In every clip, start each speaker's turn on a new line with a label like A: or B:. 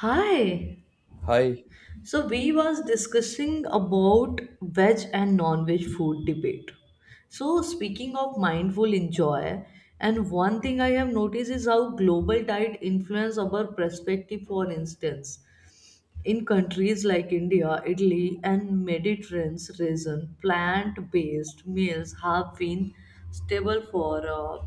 A: Hi.
B: Hi.
A: So we was discussing about veg and non-veg food debate. So speaking of mindful enjoy, and one thing I have noticed is how global diet influence our perspective. For instance, in countries like India, Italy, and Mediterranean region, plant-based meals have been stable for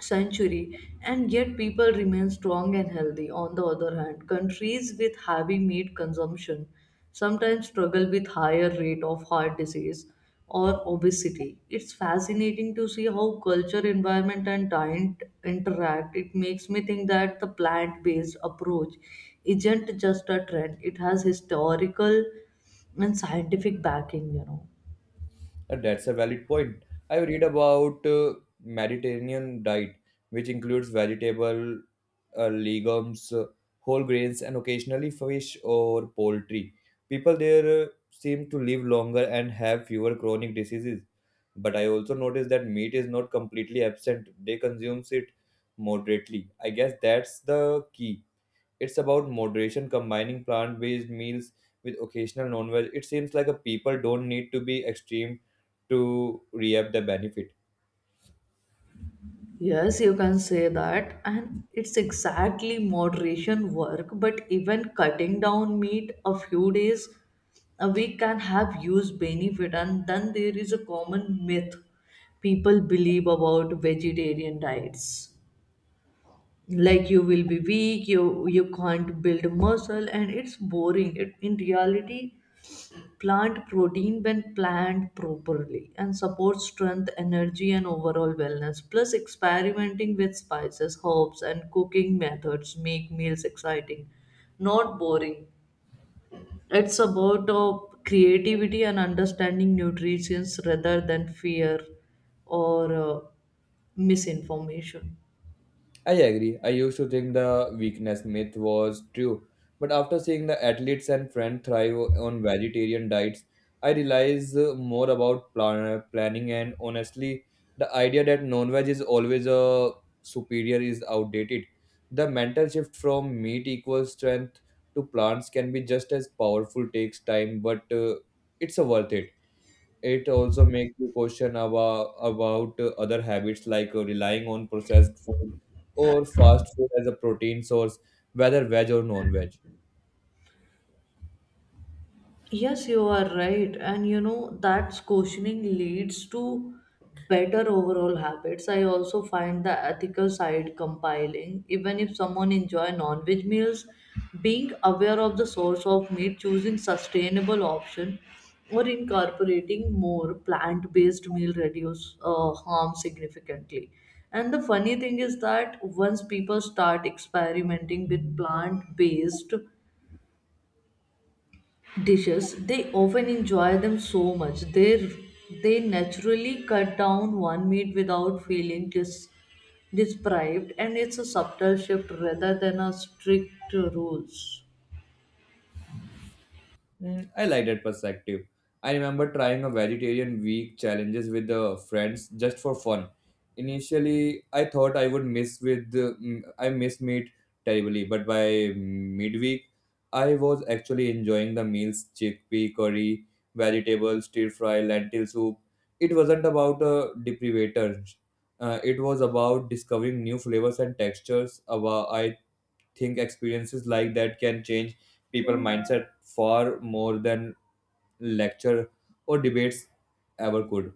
A: century, and yet people remain strong and healthy. On the other hand, countries with heavy meat consumption sometimes struggle with higher rate of heart disease or obesity. It's fascinating to see how culture environment and diet interact. It makes me think that the plant-based approach isn't just a trend, it has historical and scientific backing, you know.
B: That's a valid point. I read about Mediterranean diet, which includes vegetable, legumes, whole grains, and occasionally fish or poultry. People there seem to live longer and have fewer chronic diseases. But I also noticed that meat is not completely absent. They consume it moderately. I guess that's the key. It's about moderation, combining plant based meals with occasional non veg. It seems like a people don't need to be extreme to reap the benefit.
A: Yes, you can say that, and it's exactly moderation work, but even cutting down meat a few days a week can have huge benefit. And then there is a common myth people believe about vegetarian diets. Like you will be weak, you can't build muscle, and it's boring. It, in reality, plant protein when planned properly and supports strength, energy, and overall wellness. Plus, experimenting with spices, herbs, and cooking methods make meals exciting, not boring. It's about creativity and understanding nutrition rather than fear or misinformation.
B: I agree. I used to think the weakness myth was true, but after seeing the athletes and friends thrive on vegetarian diets, I realize more about planning, and honestly, the idea that non-veg is always a superior is outdated. The mental shift from meat equals strength to plants can be just as powerful. Takes time, but it's a worth it. It also makes you question about other habits like relying on processed food or fast food as a protein source, whether veg or non-veg.
A: Yes, you are right. And you know, that questioning leads to better overall habits. I also find the ethical side compiling. Even if someone enjoy non-veg meals, being aware of the source of meat, choosing sustainable option, or incorporating more plant-based meal reduce harm significantly. And the funny thing is that once people start experimenting with plant-based dishes, they often enjoy them so much they naturally cut down one meat without feeling deprived, and it's a subtle shift rather than a strict rules.
B: Mm, I like that perspective. I remember trying a vegetarian week challenges with the friends just for fun. Initially, I thought I would miss with the- mm, I miss meat terribly, but by midweek, I was actually enjoying the meals: chickpea curry, vegetables, stir fry, lentil soup. It wasn't about a deprivator. It was about discovering new flavors and textures. About I think experiences like that can change people mindset far more than lecture or debates ever could.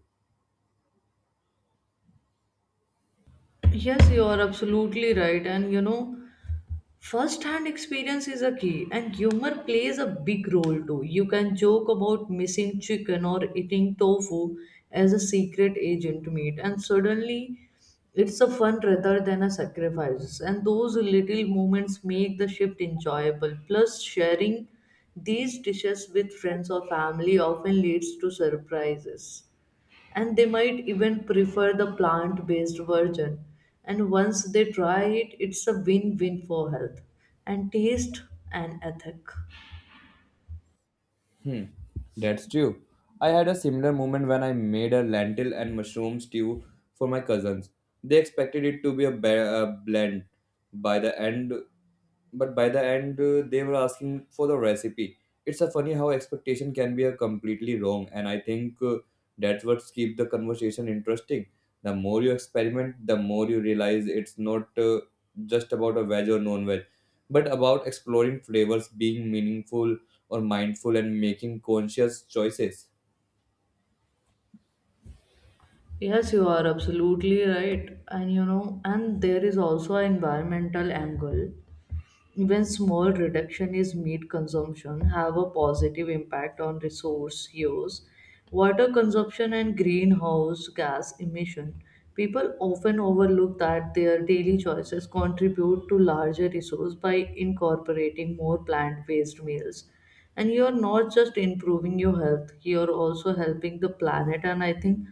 A: Yes, you are absolutely right. And you know, first hand experience is a key, and humor plays a big role too. You can joke about missing chicken or eating tofu as a secret agent meat, and suddenly it's a fun rather than a sacrifice. And those little moments make the shift enjoyable. Plus, sharing these dishes with friends or family often leads to surprises and they might even prefer the plant based version. And once they try it, it's a win win for health and taste and ethic.
B: Hmm, that's true. I had a similar moment when I made a lentil and mushroom stew for my cousins. They expected it to be a, a blend. By the end, but by the end they were asking for the recipe. It's a funny how expectation can be a completely wrong, and I think that's what keep the conversation interesting. The more you experiment, the more you realize it's not just about a veg or non-veg, but about exploring flavors, being meaningful or mindful, and making conscious choices.
A: Yes, you are absolutely right. And you know, and there is also an environmental angle. Even small reduction is meat consumption have a positive impact on resource use, water consumption and greenhouse gas emission. People often overlook that their daily choices contribute to larger resource by incorporating more plant-based meals. And you're not just improving your health, you're also helping the planet. And I think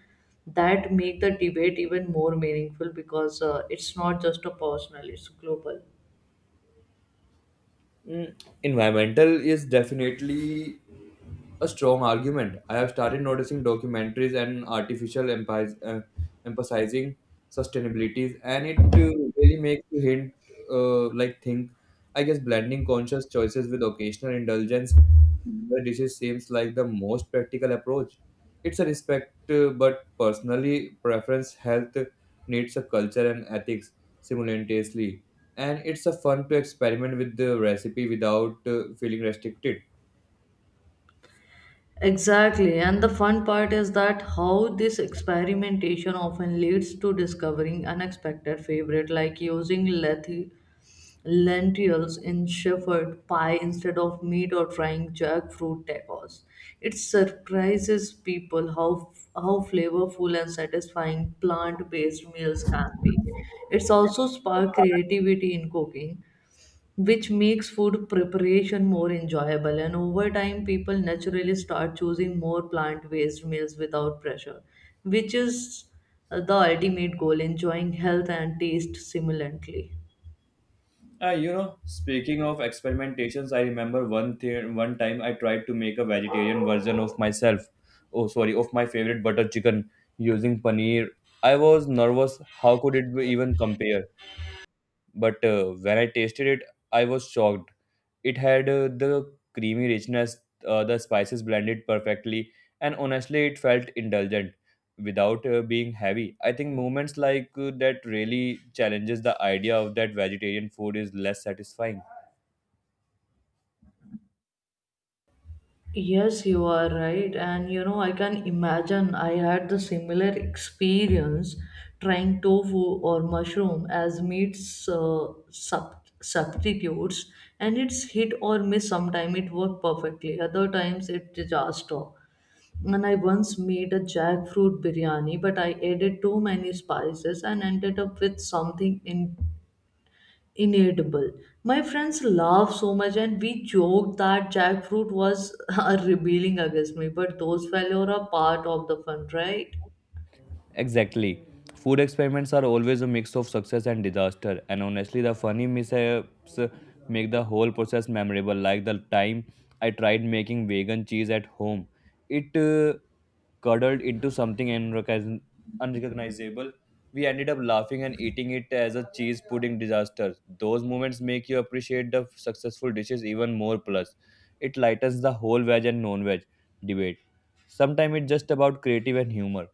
A: that make the debate even more meaningful because it's not just a personal, it's global.
B: Mm, environmental is definitely a strong argument. I have started noticing documentaries and artificial emphasis, emphasizing sustainability, and it really makes you hint, like, think. I guess blending conscious choices with occasional indulgence in the dishes seems like the most practical approach. It's a respect, but personally, preference health needs a culture and ethics simultaneously, and it's a fun to experiment with the recipe without feeling restricted.
A: Exactly, and the fun part is that how this experimentation often leads to discovering unexpected favorite, like using lentils in shepherd pie instead of meat or trying jackfruit tacos. It surprises people how flavorful and satisfying plant-based meals can be. It's also spark creativity in cooking, which makes food preparation more enjoyable. And over time, people naturally start choosing more plant based meals without pressure, which is the ultimate goal enjoying health and taste simultaneously.
B: You know, speaking of experimentations, I remember one thing. One time, I tried to make a vegetarian version of myself. Oh, sorry, of my favorite butter chicken using paneer. I was nervous. How could it be even compare? But when I tasted it, I was shocked. It had the creamy richness, the spices blended perfectly, and honestly, it felt indulgent without being heavy. I think moments like that really challenges the idea of that vegetarian food is less satisfying.
A: Yes, you are right. And you know, I can imagine I had the similar experience trying tofu or mushroom as meat uh, sub- substitutes, and it's hit or miss. Sometimes it worked perfectly, other times it disaster. And I once made a jackfruit biryani, but I added too many spices and ended up with something inedible. My friends laughed so much and we joked that jackfruit was rebelling against me, but those failures are part of the fun, right?
B: Exactly. Food experiments are always a mix of success and disaster, and honestly, the funny mishaps make the whole process memorable. Like the time I tried making vegan cheese at home, it curdled into something unrecognizable. We ended up laughing and eating it as a cheese pudding disaster. Those moments make you appreciate the successful dishes even more. Plus, it lightens the whole veg and non veg debate. Sometimes it's just about creative and humor.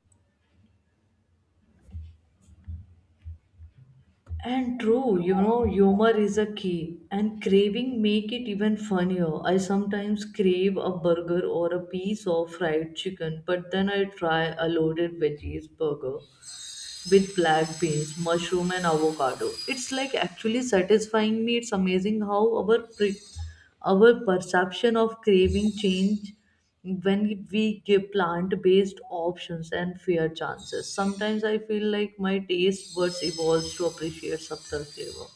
A: And true, you know, humor is a key, and craving make it even funnier. I sometimes crave a burger or a piece of fried chicken, but then I try a loaded veggies burger with black beans, mushroom, and avocado. It's like actually satisfying me. It's amazing how our perception of craving change when we give plant-based options and fair chances. Sometimes I feel like my taste buds evolves to appreciate subtle flavor.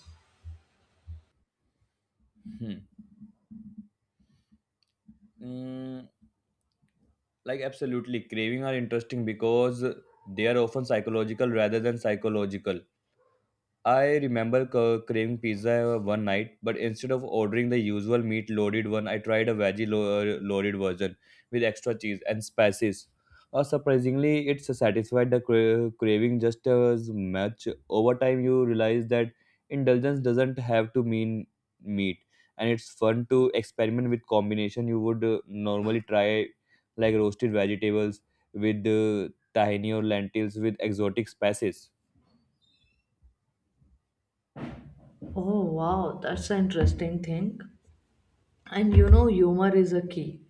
B: Hmm. Mm, like absolutely craving are interesting because they are often psychological rather than psychological. I remember craving pizza one night, but instead of ordering the usual meat loaded one, I tried a veggie loaded version with extra cheese and spices. Surprisingly, it satisfied the craving just as much. Over time, you realize that indulgence doesn't have to mean meat, and it's fun to experiment with combination you would normally try, like roasted vegetables with tahini or lentils with exotic spices.
A: Oh wow, that's an interesting thing. And you know, humor is a key.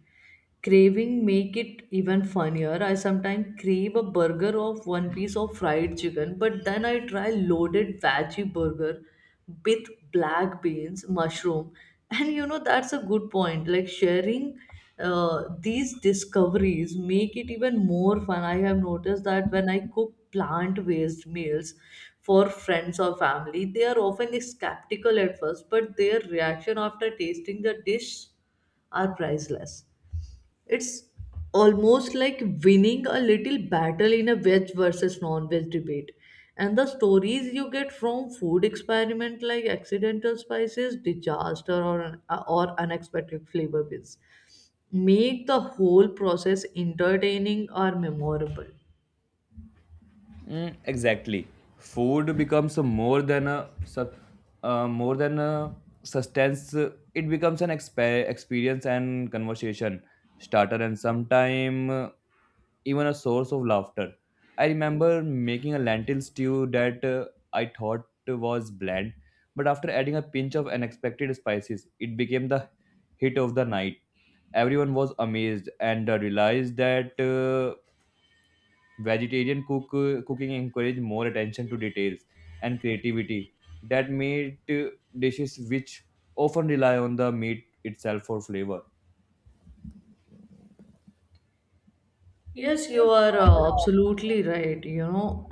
A: Craving make it even funnier. I sometimes crave a burger of one piece of fried chicken, but then I try loaded veggie burger with black beans, mushroom, and you know that's a good point. Like sharing these discoveries make it even more fun. I have noticed that when I cook plant-based meals for friends or family, they are often skeptical at first, but their reaction after tasting the dish are priceless. It's almost like winning a little battle in a veg versus non-veg debate. And the stories you get from food experiment like accidental spices, disaster or unexpected flavor bits make the whole process entertaining or memorable.
B: Mm, exactly. Food becomes more than a more than a substance. It becomes an experience and conversation starter, and sometime even a source of laughter. I remember making a lentil stew that I thought was bland, but after adding a pinch of unexpected spices, it became the hit of the night. Everyone was amazed and realized that. Vegetarian cooking encouraged more attention to details and creativity that made dishes which often rely on the meat itself for flavor.
A: Yes, you are absolutely right, you know,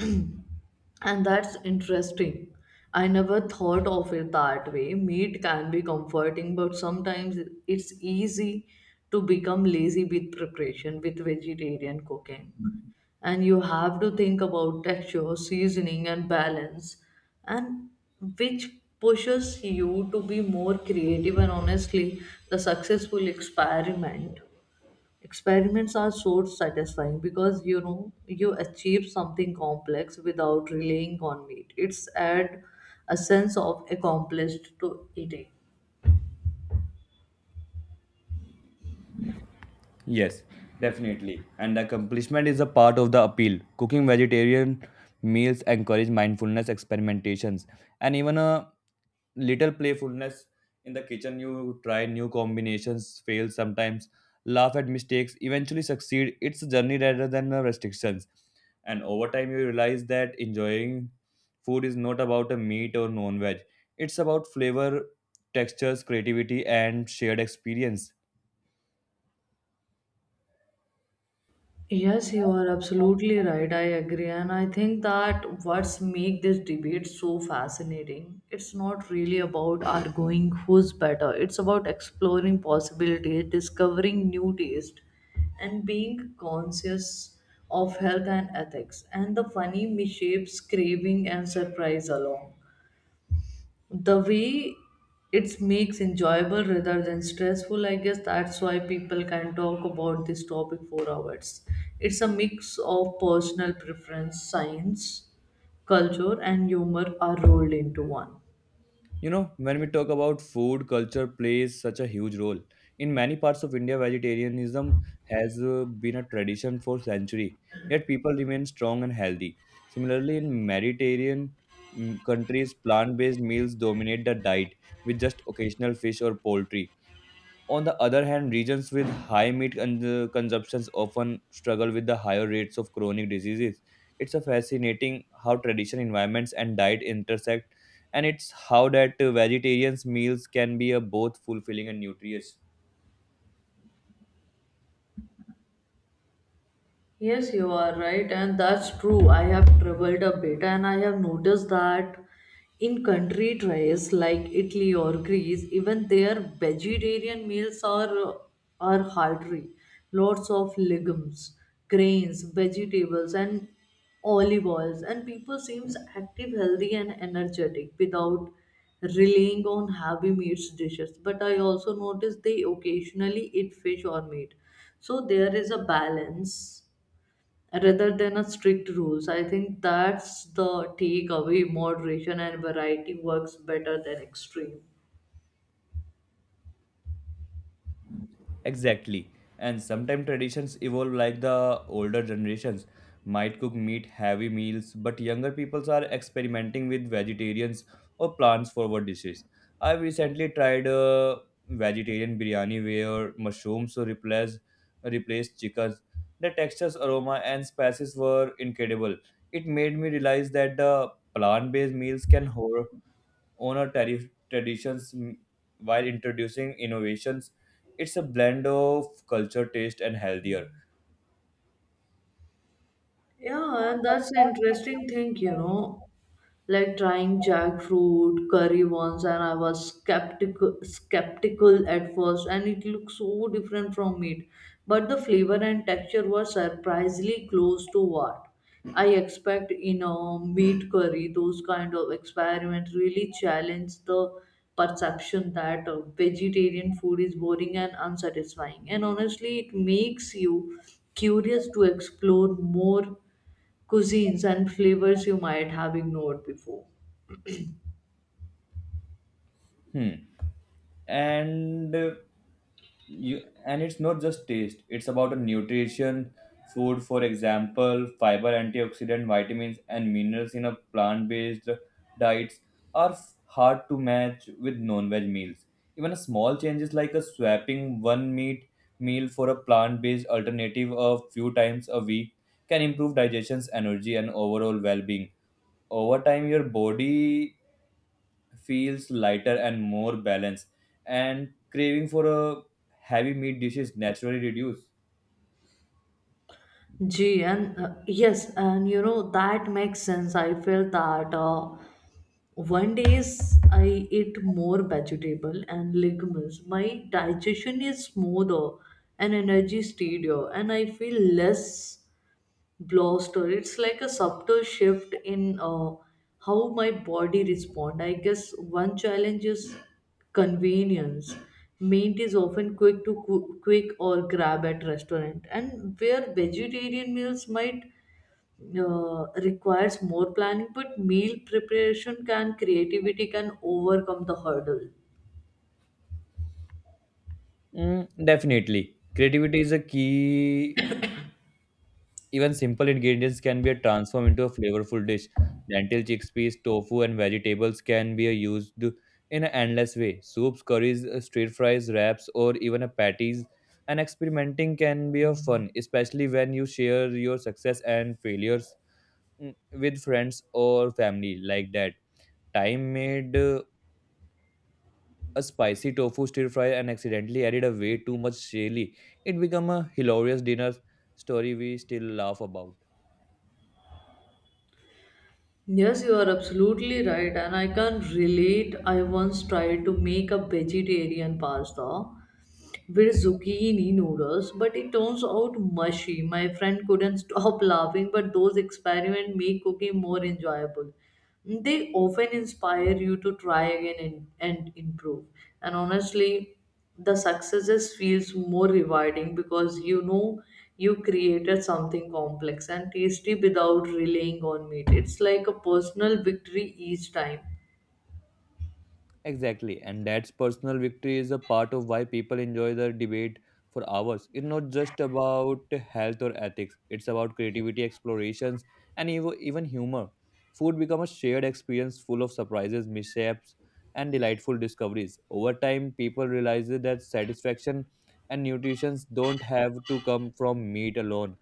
A: and that's interesting. I never thought of it that way. Meat can be comforting, but sometimes it's easy to become lazy with preparation, with vegetarian cooking. And you have to think about texture, seasoning, and balance, and which pushes you to be more creative. And honestly, the successful experiments are so satisfying because you know you achieve something complex without relying on meat. It's add a sense of accomplished to eating.
B: Yes, definitely. And the accomplishment is a part of the appeal. Cooking vegetarian meals encourage mindfulness, experimentations, and even a little playfulness in the kitchen. You try new combinations, fail sometimes, laugh at mistakes, eventually succeed. It's a journey rather than restrictions, and over time you realize that enjoying food is not about a meat or non-veg, it's about flavor, textures, creativity, and shared experience.
A: Yes, you are absolutely right. I agree. And I think that what's make this debate so fascinating, it's not really about arguing who's better. It's about exploring possibilities, discovering new taste, and being conscious of health and ethics and the funny misshapes, craving and surprise along the way. It makes enjoyable rather than stressful. I guess that's why people can talk about this topic for hours. It's a mix of personal preference science culture and humor are rolled into one.
B: You know, when we talk about food, culture plays such a huge role. In many parts of India, vegetarianism has been a tradition for centuries, yet people remain strong and healthy. Similarly, in Mediterranean, mm, countries, plant based meals dominate the diet with just occasional fish or poultry. On the other hand, regions with high meat consumptions often struggle with the higher rates of chronic diseases. It's a fascinating how tradition, environments, and diet intersect, and it's how that vegetarians' meals can be both fulfilling and nutritious.
A: Yes, you are right, and that's true. I have traveled a bit and I have noticed that in country tries like Italy or Greece, even their vegetarian meals are hearty. Lots of legumes, grains, vegetables, and olive oils, and people seems active, healthy, and energetic without relying on heavy meats dishes. But I also noticed they occasionally eat fish or meat. So there is a balance rather than a strict rules. I think that's the takeaway. Moderation and variety works better than extreme.
B: Exactly. And sometimes traditions evolve, like the older generations might cook meat heavy meals, but younger peoples are experimenting with vegetarians or plants forward dishes. I've recently tried a vegetarian biryani where mushrooms replaced chickens. The textures, aroma, and spices were incredible. It made me realize that the plant-based meals can honor traditions, mm, while introducing innovations. It's a blend of culture, taste, and healthier.
A: Yeah, and that's an interesting thing, you know. Like trying jackfruit curry once, and I was skeptical at first, and it looked so different from meat. But the flavor and texture were surprisingly close to what I expect in a meat curry. Those kind of experiments really challenge the perception that vegetarian food is boring and unsatisfying. And honestly, it makes you curious to explore more cuisines and flavors you might have ignored before.
B: Hmm. And you and it's not just taste, it's about a nutrition food, for example fiber, antioxidant, vitamins, and minerals in a plant-based diets are hard to match with non-veg meals. Even a small changes like a swapping one meat meal for a plant-based alternative a few times a week can improve digestion's energy and overall well-being. Over time your body feels lighter and more balanced, and craving for a heavy meat dish is naturally reduced.
A: Gee, and yes, and you know that makes sense. I felt that one days I eat more vegetable and legumes. My digestion is smoother and energy steadier, and I feel less bloster. It's like a subtle shift in how my body respond. I guess one challenge is convenience. Meat is often quick or grab at restaurant, and where vegetarian meals might requires more planning, but meal preparation can creativity can overcome the hurdle.
B: Mm, definitely. Creativity is a key. Even simple ingredients can be transformed into a flavorful dish. Lentil, chickpeas, tofu, and vegetables can be used in an endless way. Soups, curries, stir fries, wraps, or even a patties. And experimenting can be a fun, especially when you share your success and failures, mm, with friends or family. Like that time made a spicy tofu stir fry and accidentally added a way too much chili. It became a hilarious dinner story we still laugh about.
A: Yes, you are absolutely right, and I can relate. I once tried to make a vegetarian pasta with zucchini noodles, but it turns out mushy. My friend couldn't stop laughing, but those experiments make cooking more enjoyable. They often inspire you to try again and improve. And honestly, the successes feels more rewarding because you know you created something complex and tasty without relying on meat. It's like a personal victory each time.
B: Exactly, and that's personal victory is a part of why people enjoy the debate for hours. It's not just about health or ethics, it's about creativity, explorations, and even humor. Food becomes a shared experience full of surprises, mishaps, and delightful discoveries. Over time, people realize that satisfaction and nutrition don't have to come from meat alone.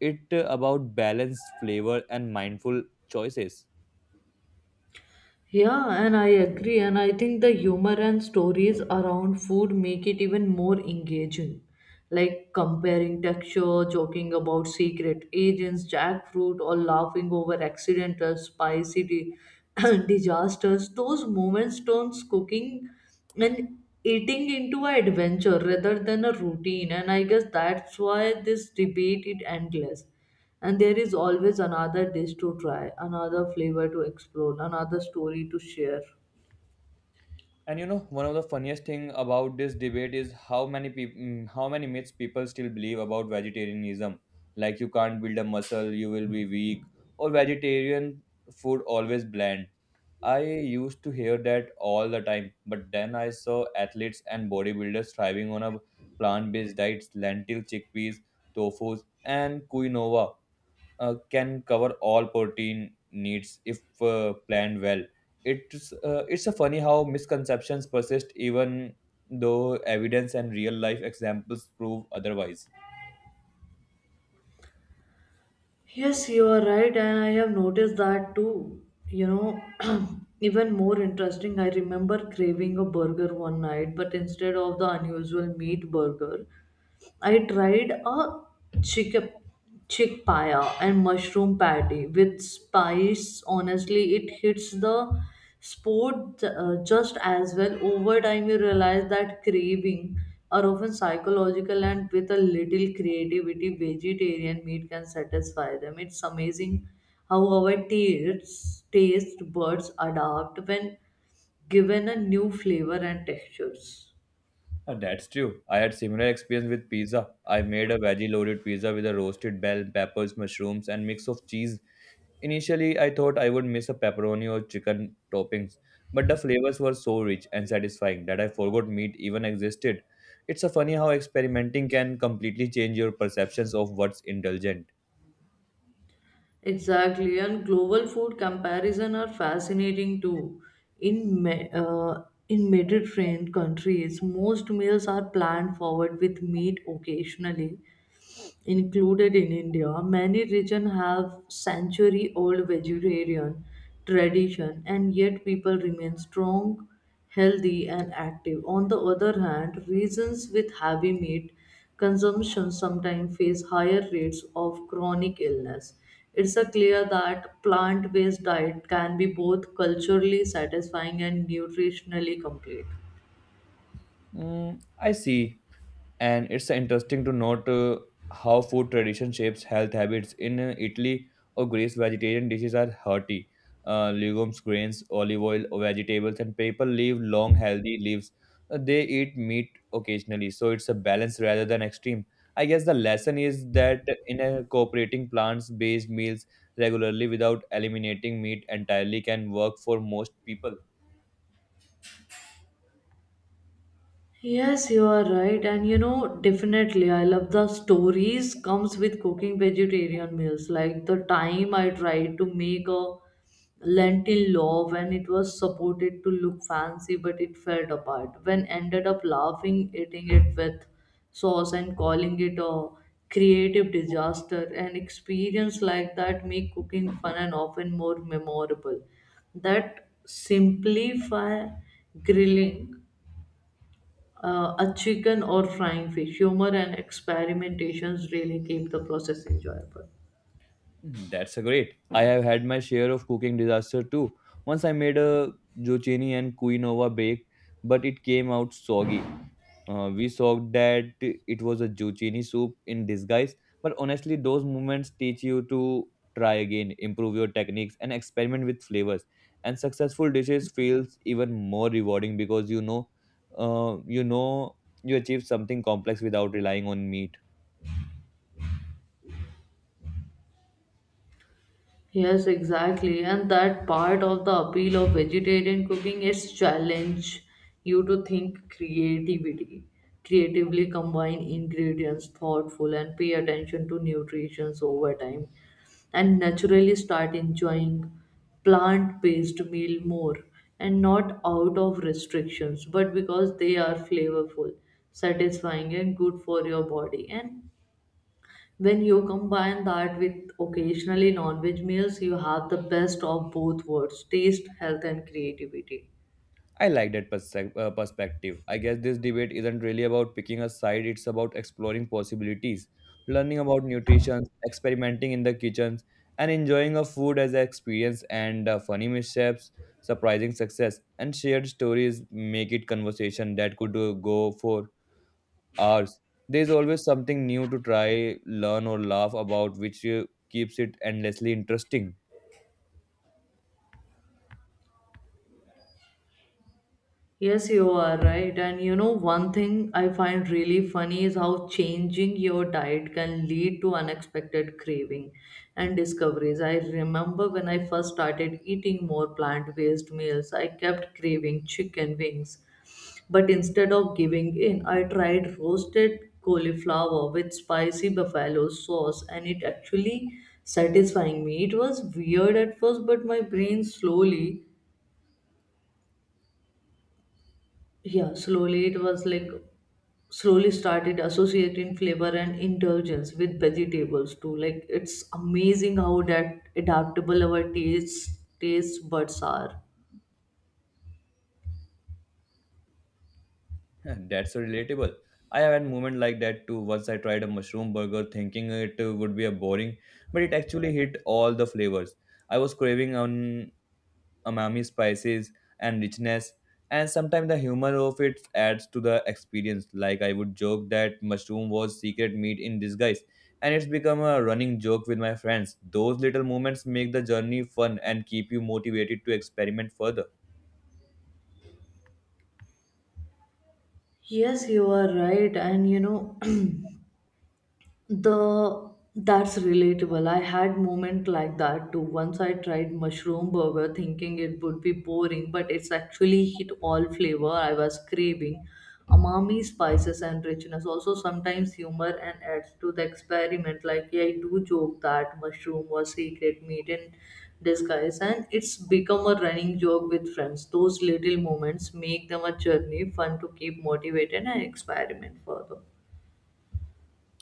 B: It's about balance, flavor, and mindful choices.
A: Yeah, and I agree. And I think the humor and stories around food make it even more engaging. Like comparing texture, joking about secret agents, jackfruit, or laughing over accidental spicy disasters. Those moments turns cooking and eating into an adventure rather than a routine. And I guess that's why this debate is endless and there is always another dish to try, another flavor to explore, another story to share.
B: And you know, one of the funniest thing about this debate is how many myths people still believe about vegetarianism, like you can't build a muscle, you will be weak, or vegetarian food always bland. I used to hear that all the time, but then I saw athletes and bodybuilders thriving on a plant-based diets, lentil chickpeas, tofu, and quinoa can cover all protein needs if planned well. It's a funny how misconceptions persist even though evidence and real life examples prove otherwise.
A: Yes, you are right, and I have noticed that too. You know, even more interesting, I remember craving a burger one night, but instead of the unusual meat burger, I tried a chick chick paya and mushroom patty with spice. Honestly, it hits the spot just as well. Over time, you realize that craving are often psychological, and with a little creativity, vegetarian meat can satisfy them. It's amazing how our taste buds adapt when given a new flavor and textures.
B: That's true. I had similar experience with pizza. I made a veggie loaded pizza with a roasted bell peppers, mushrooms, and mix of cheese. Initially, I thought I would miss a pepperoni or chicken toppings, but the flavors were so rich and satisfying that I forgot meat even existed. It's a funny how experimenting can completely change your perceptions of what's indulgent.
A: Exactly, and global food comparison are fascinating too. In Me- uh, in Mediterranean countries, most meals are planned forward with meat occasionally, included in India, many regions have century old vegetarian tradition and yet people remain strong, healthy and active. On the other hand, regions with heavy meat consumption sometimes face higher rates of chronic illness. It's a clear that plant-based diet can be both culturally satisfying and nutritionally complete.
B: Mm, I see. And it's interesting to note how food tradition shapes health habits. In Italy or Greece, vegetarian dishes are hearty. Legumes, grains, olive oil, vegetables, and people live long, healthy lives. They eat meat occasionally, so it's a balance rather than extreme. I guess the lesson is that in incorporating plants-based meals regularly without eliminating meat entirely can work for most people.
A: Yes, you are right. And you know, definitely, I love the stories comes with cooking vegetarian meals. Like the time I tried to make a lentil loaf and it was supported to look fancy, but it fell apart. When ended up laughing, eating it with sauce and calling it a creative disaster. An experience like that make cooking fun and often more memorable. That simplify grilling a chicken or frying fish. Humor and experimentations really keep the process enjoyable.
B: That's a great. I have had my share of cooking disaster too. Once I made a zucchini and quinoa bake, but it came out soggy. We saw that it was a zucchini soup in disguise. But honestly, those moments teach you to try again, improve your techniques, and experiment with flavors. And successful dishes feels even more rewarding because you know, you achieve something complex without relying on meat.
A: Yes, exactly. And that part of the appeal of vegetarian cooking is challenge you to think creativity, creatively combine ingredients thoughtful and pay attention to nutrition over time and naturally start enjoying plant-based meal more and not out of restrictions but because they are flavorful, satisfying and good for your body and when you combine that with occasionally non-veg meals, you have the best of both worlds, taste, health and creativity.
B: I like that perspective. I guess this debate isn't really about picking a side, it's about exploring possibilities, learning about nutrition, experimenting in the kitchens, and enjoying a food as an experience, and funny mishaps, surprising success, and shared stories make it conversation that could go for hours. There's always something new to try, learn or laugh about, which keeps it endlessly interesting.
A: Yes, you are right. And you know, one thing I find really funny is how changing your diet can lead to unexpected craving and discoveries. I remember when I first started eating more plant-based meals, I kept craving chicken wings. But instead of giving in, I tried roasted cauliflower with spicy buffalo sauce and it actually satisfying me. It was weird at first, but my brain slowly, yeah, slowly it was like slowly started associating flavor and indulgence with vegetables too. Like it's amazing how that adaptable our taste buds are.
B: That's so relatable. I have had moment like that too. Once I tried a mushroom burger thinking it would be a boring, but it actually hit all the flavors. I was craving on umami spices and richness, and sometimes the humor of it adds to the experience. Like I would joke that mushroom was secret meat in disguise, and it's become a running joke with my friends. Those little moments make the journey fun and keep you motivated to experiment further.
A: Yes, you are right. And you know, the that's relatable. I had moment like that too. Once I tried mushroom burger thinking it would be boring, but it's actually hit all flavor I was craving. Umami, spices and richness. Also sometimes humor and adds to the experiment. Like yeah, I do joke that mushroom was secret meat in disguise and it's become a running joke with friends. Those little moments make them a journey fun to keep motivated and experiment further.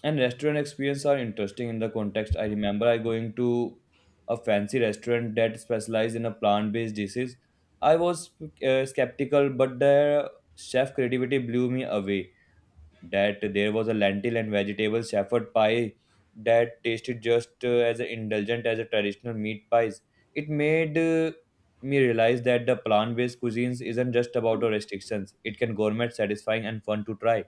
B: And restaurant experience are interesting in the context. I remember I going to a fancy restaurant that specialized in a plant-based dishes. I was skeptical, but the chef creativity blew me away. That there was a lentil and vegetable shepherd pie that tasted just as indulgent as a traditional meat pies. It made me realize that the plant-based cuisines isn't just about the restrictions. It can gourmet, satisfying, and fun to try.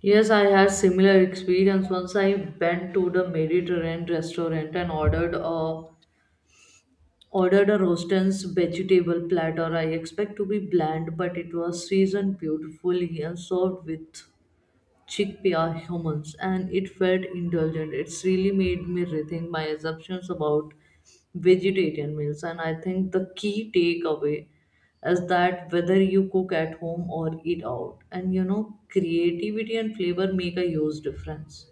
A: Yes, I had similar experience once I went to the Mediterranean restaurant and ordered a roasted vegetable platter. I expect to be bland, but it was seasoned beautifully and served with chickpea are humans and it felt indulgent. It's really made me rethink my assumptions about vegetarian meals, and I think the key takeaway is that whether you cook at home or eat out, and you know, creativity and flavor make a huge difference.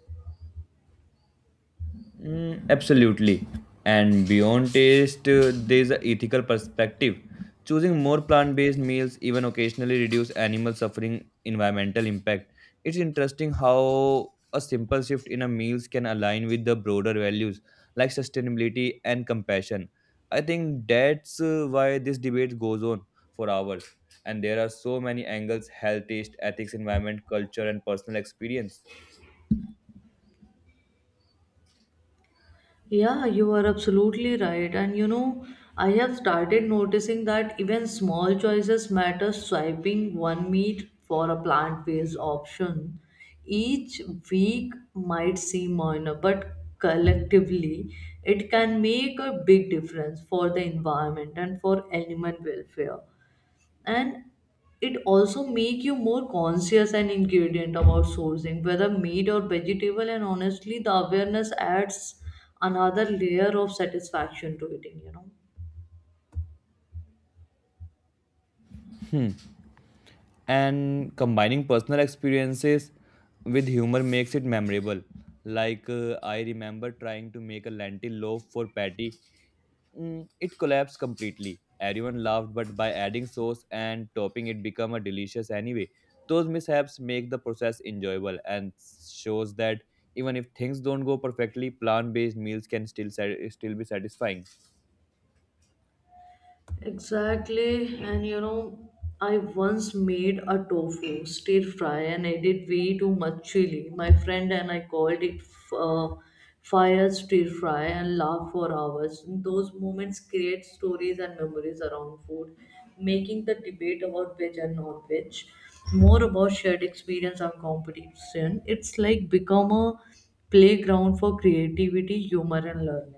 B: Mm, absolutely. And beyond taste, there's an ethical perspective. Choosing more plant based meals even occasionally reduce animal suffering environmental impact. It's interesting how a simple shift in a meals can align with the broader values like sustainability and compassion. I think that's why this debate goes on for hours. And there are so many angles: health, taste, ethics, environment, culture, and personal experience.
A: Yeah, you are absolutely right. And you know, I have started noticing that even small choices matter. Swiping one meat for a plant based option each week might seem minor, but collectively it can make a big difference for the environment and for animal welfare, and it also make you more conscious and ingredient about sourcing whether meat or vegetable, and honestly the awareness adds another layer of satisfaction to eating.
B: Hmm. And combining personal experiences with humor makes it memorable. Like, I remember trying to make a lentil loaf for Patty. Mm, it collapsed completely. Everyone laughed, but by adding sauce and topping, it became a delicious anyway. Those mishaps make the process enjoyable and shows that even if things don't go perfectly, plant-based meals can still still be satisfying.
A: Exactly, and you know, I once made a tofu stir fry and added way too much chili. My friend and I called it uh, fire stir fry and laughed for hours. Those moments create stories and memories around food, making the debate about veg and non-veg more about shared experience and competition. It's like become a playground for creativity, humor, and learning.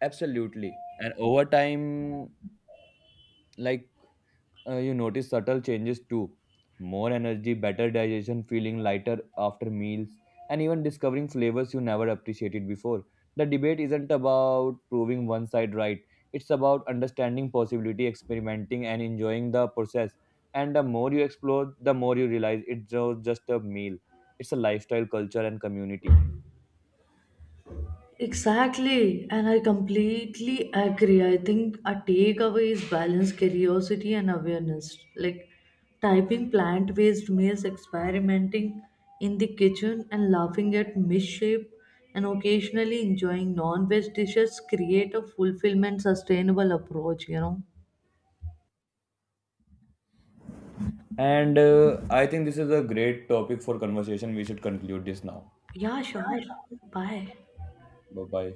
B: Absolutely, and over time, like you notice subtle changes too: more energy, better digestion, feeling lighter after meals, and even discovering flavors you never appreciated before. The debate isn't about proving one side right, it's about understanding possibility, experimenting, and enjoying the process, and the more you explore, the more you realize it's just a meal. It's a lifestyle, culture, and community.
A: Exactly, and I completely agree. I think a takeaway is balance, curiosity, and awareness. Like typing plant based meals, experimenting in the kitchen, and laughing at misshape, and occasionally enjoying non veg dishes create a fulfillment, sustainable approach, you know?
B: And I think this is a great topic for conversation. We should conclude this now.
A: Yeah, sure. Bye.
B: Bye bye.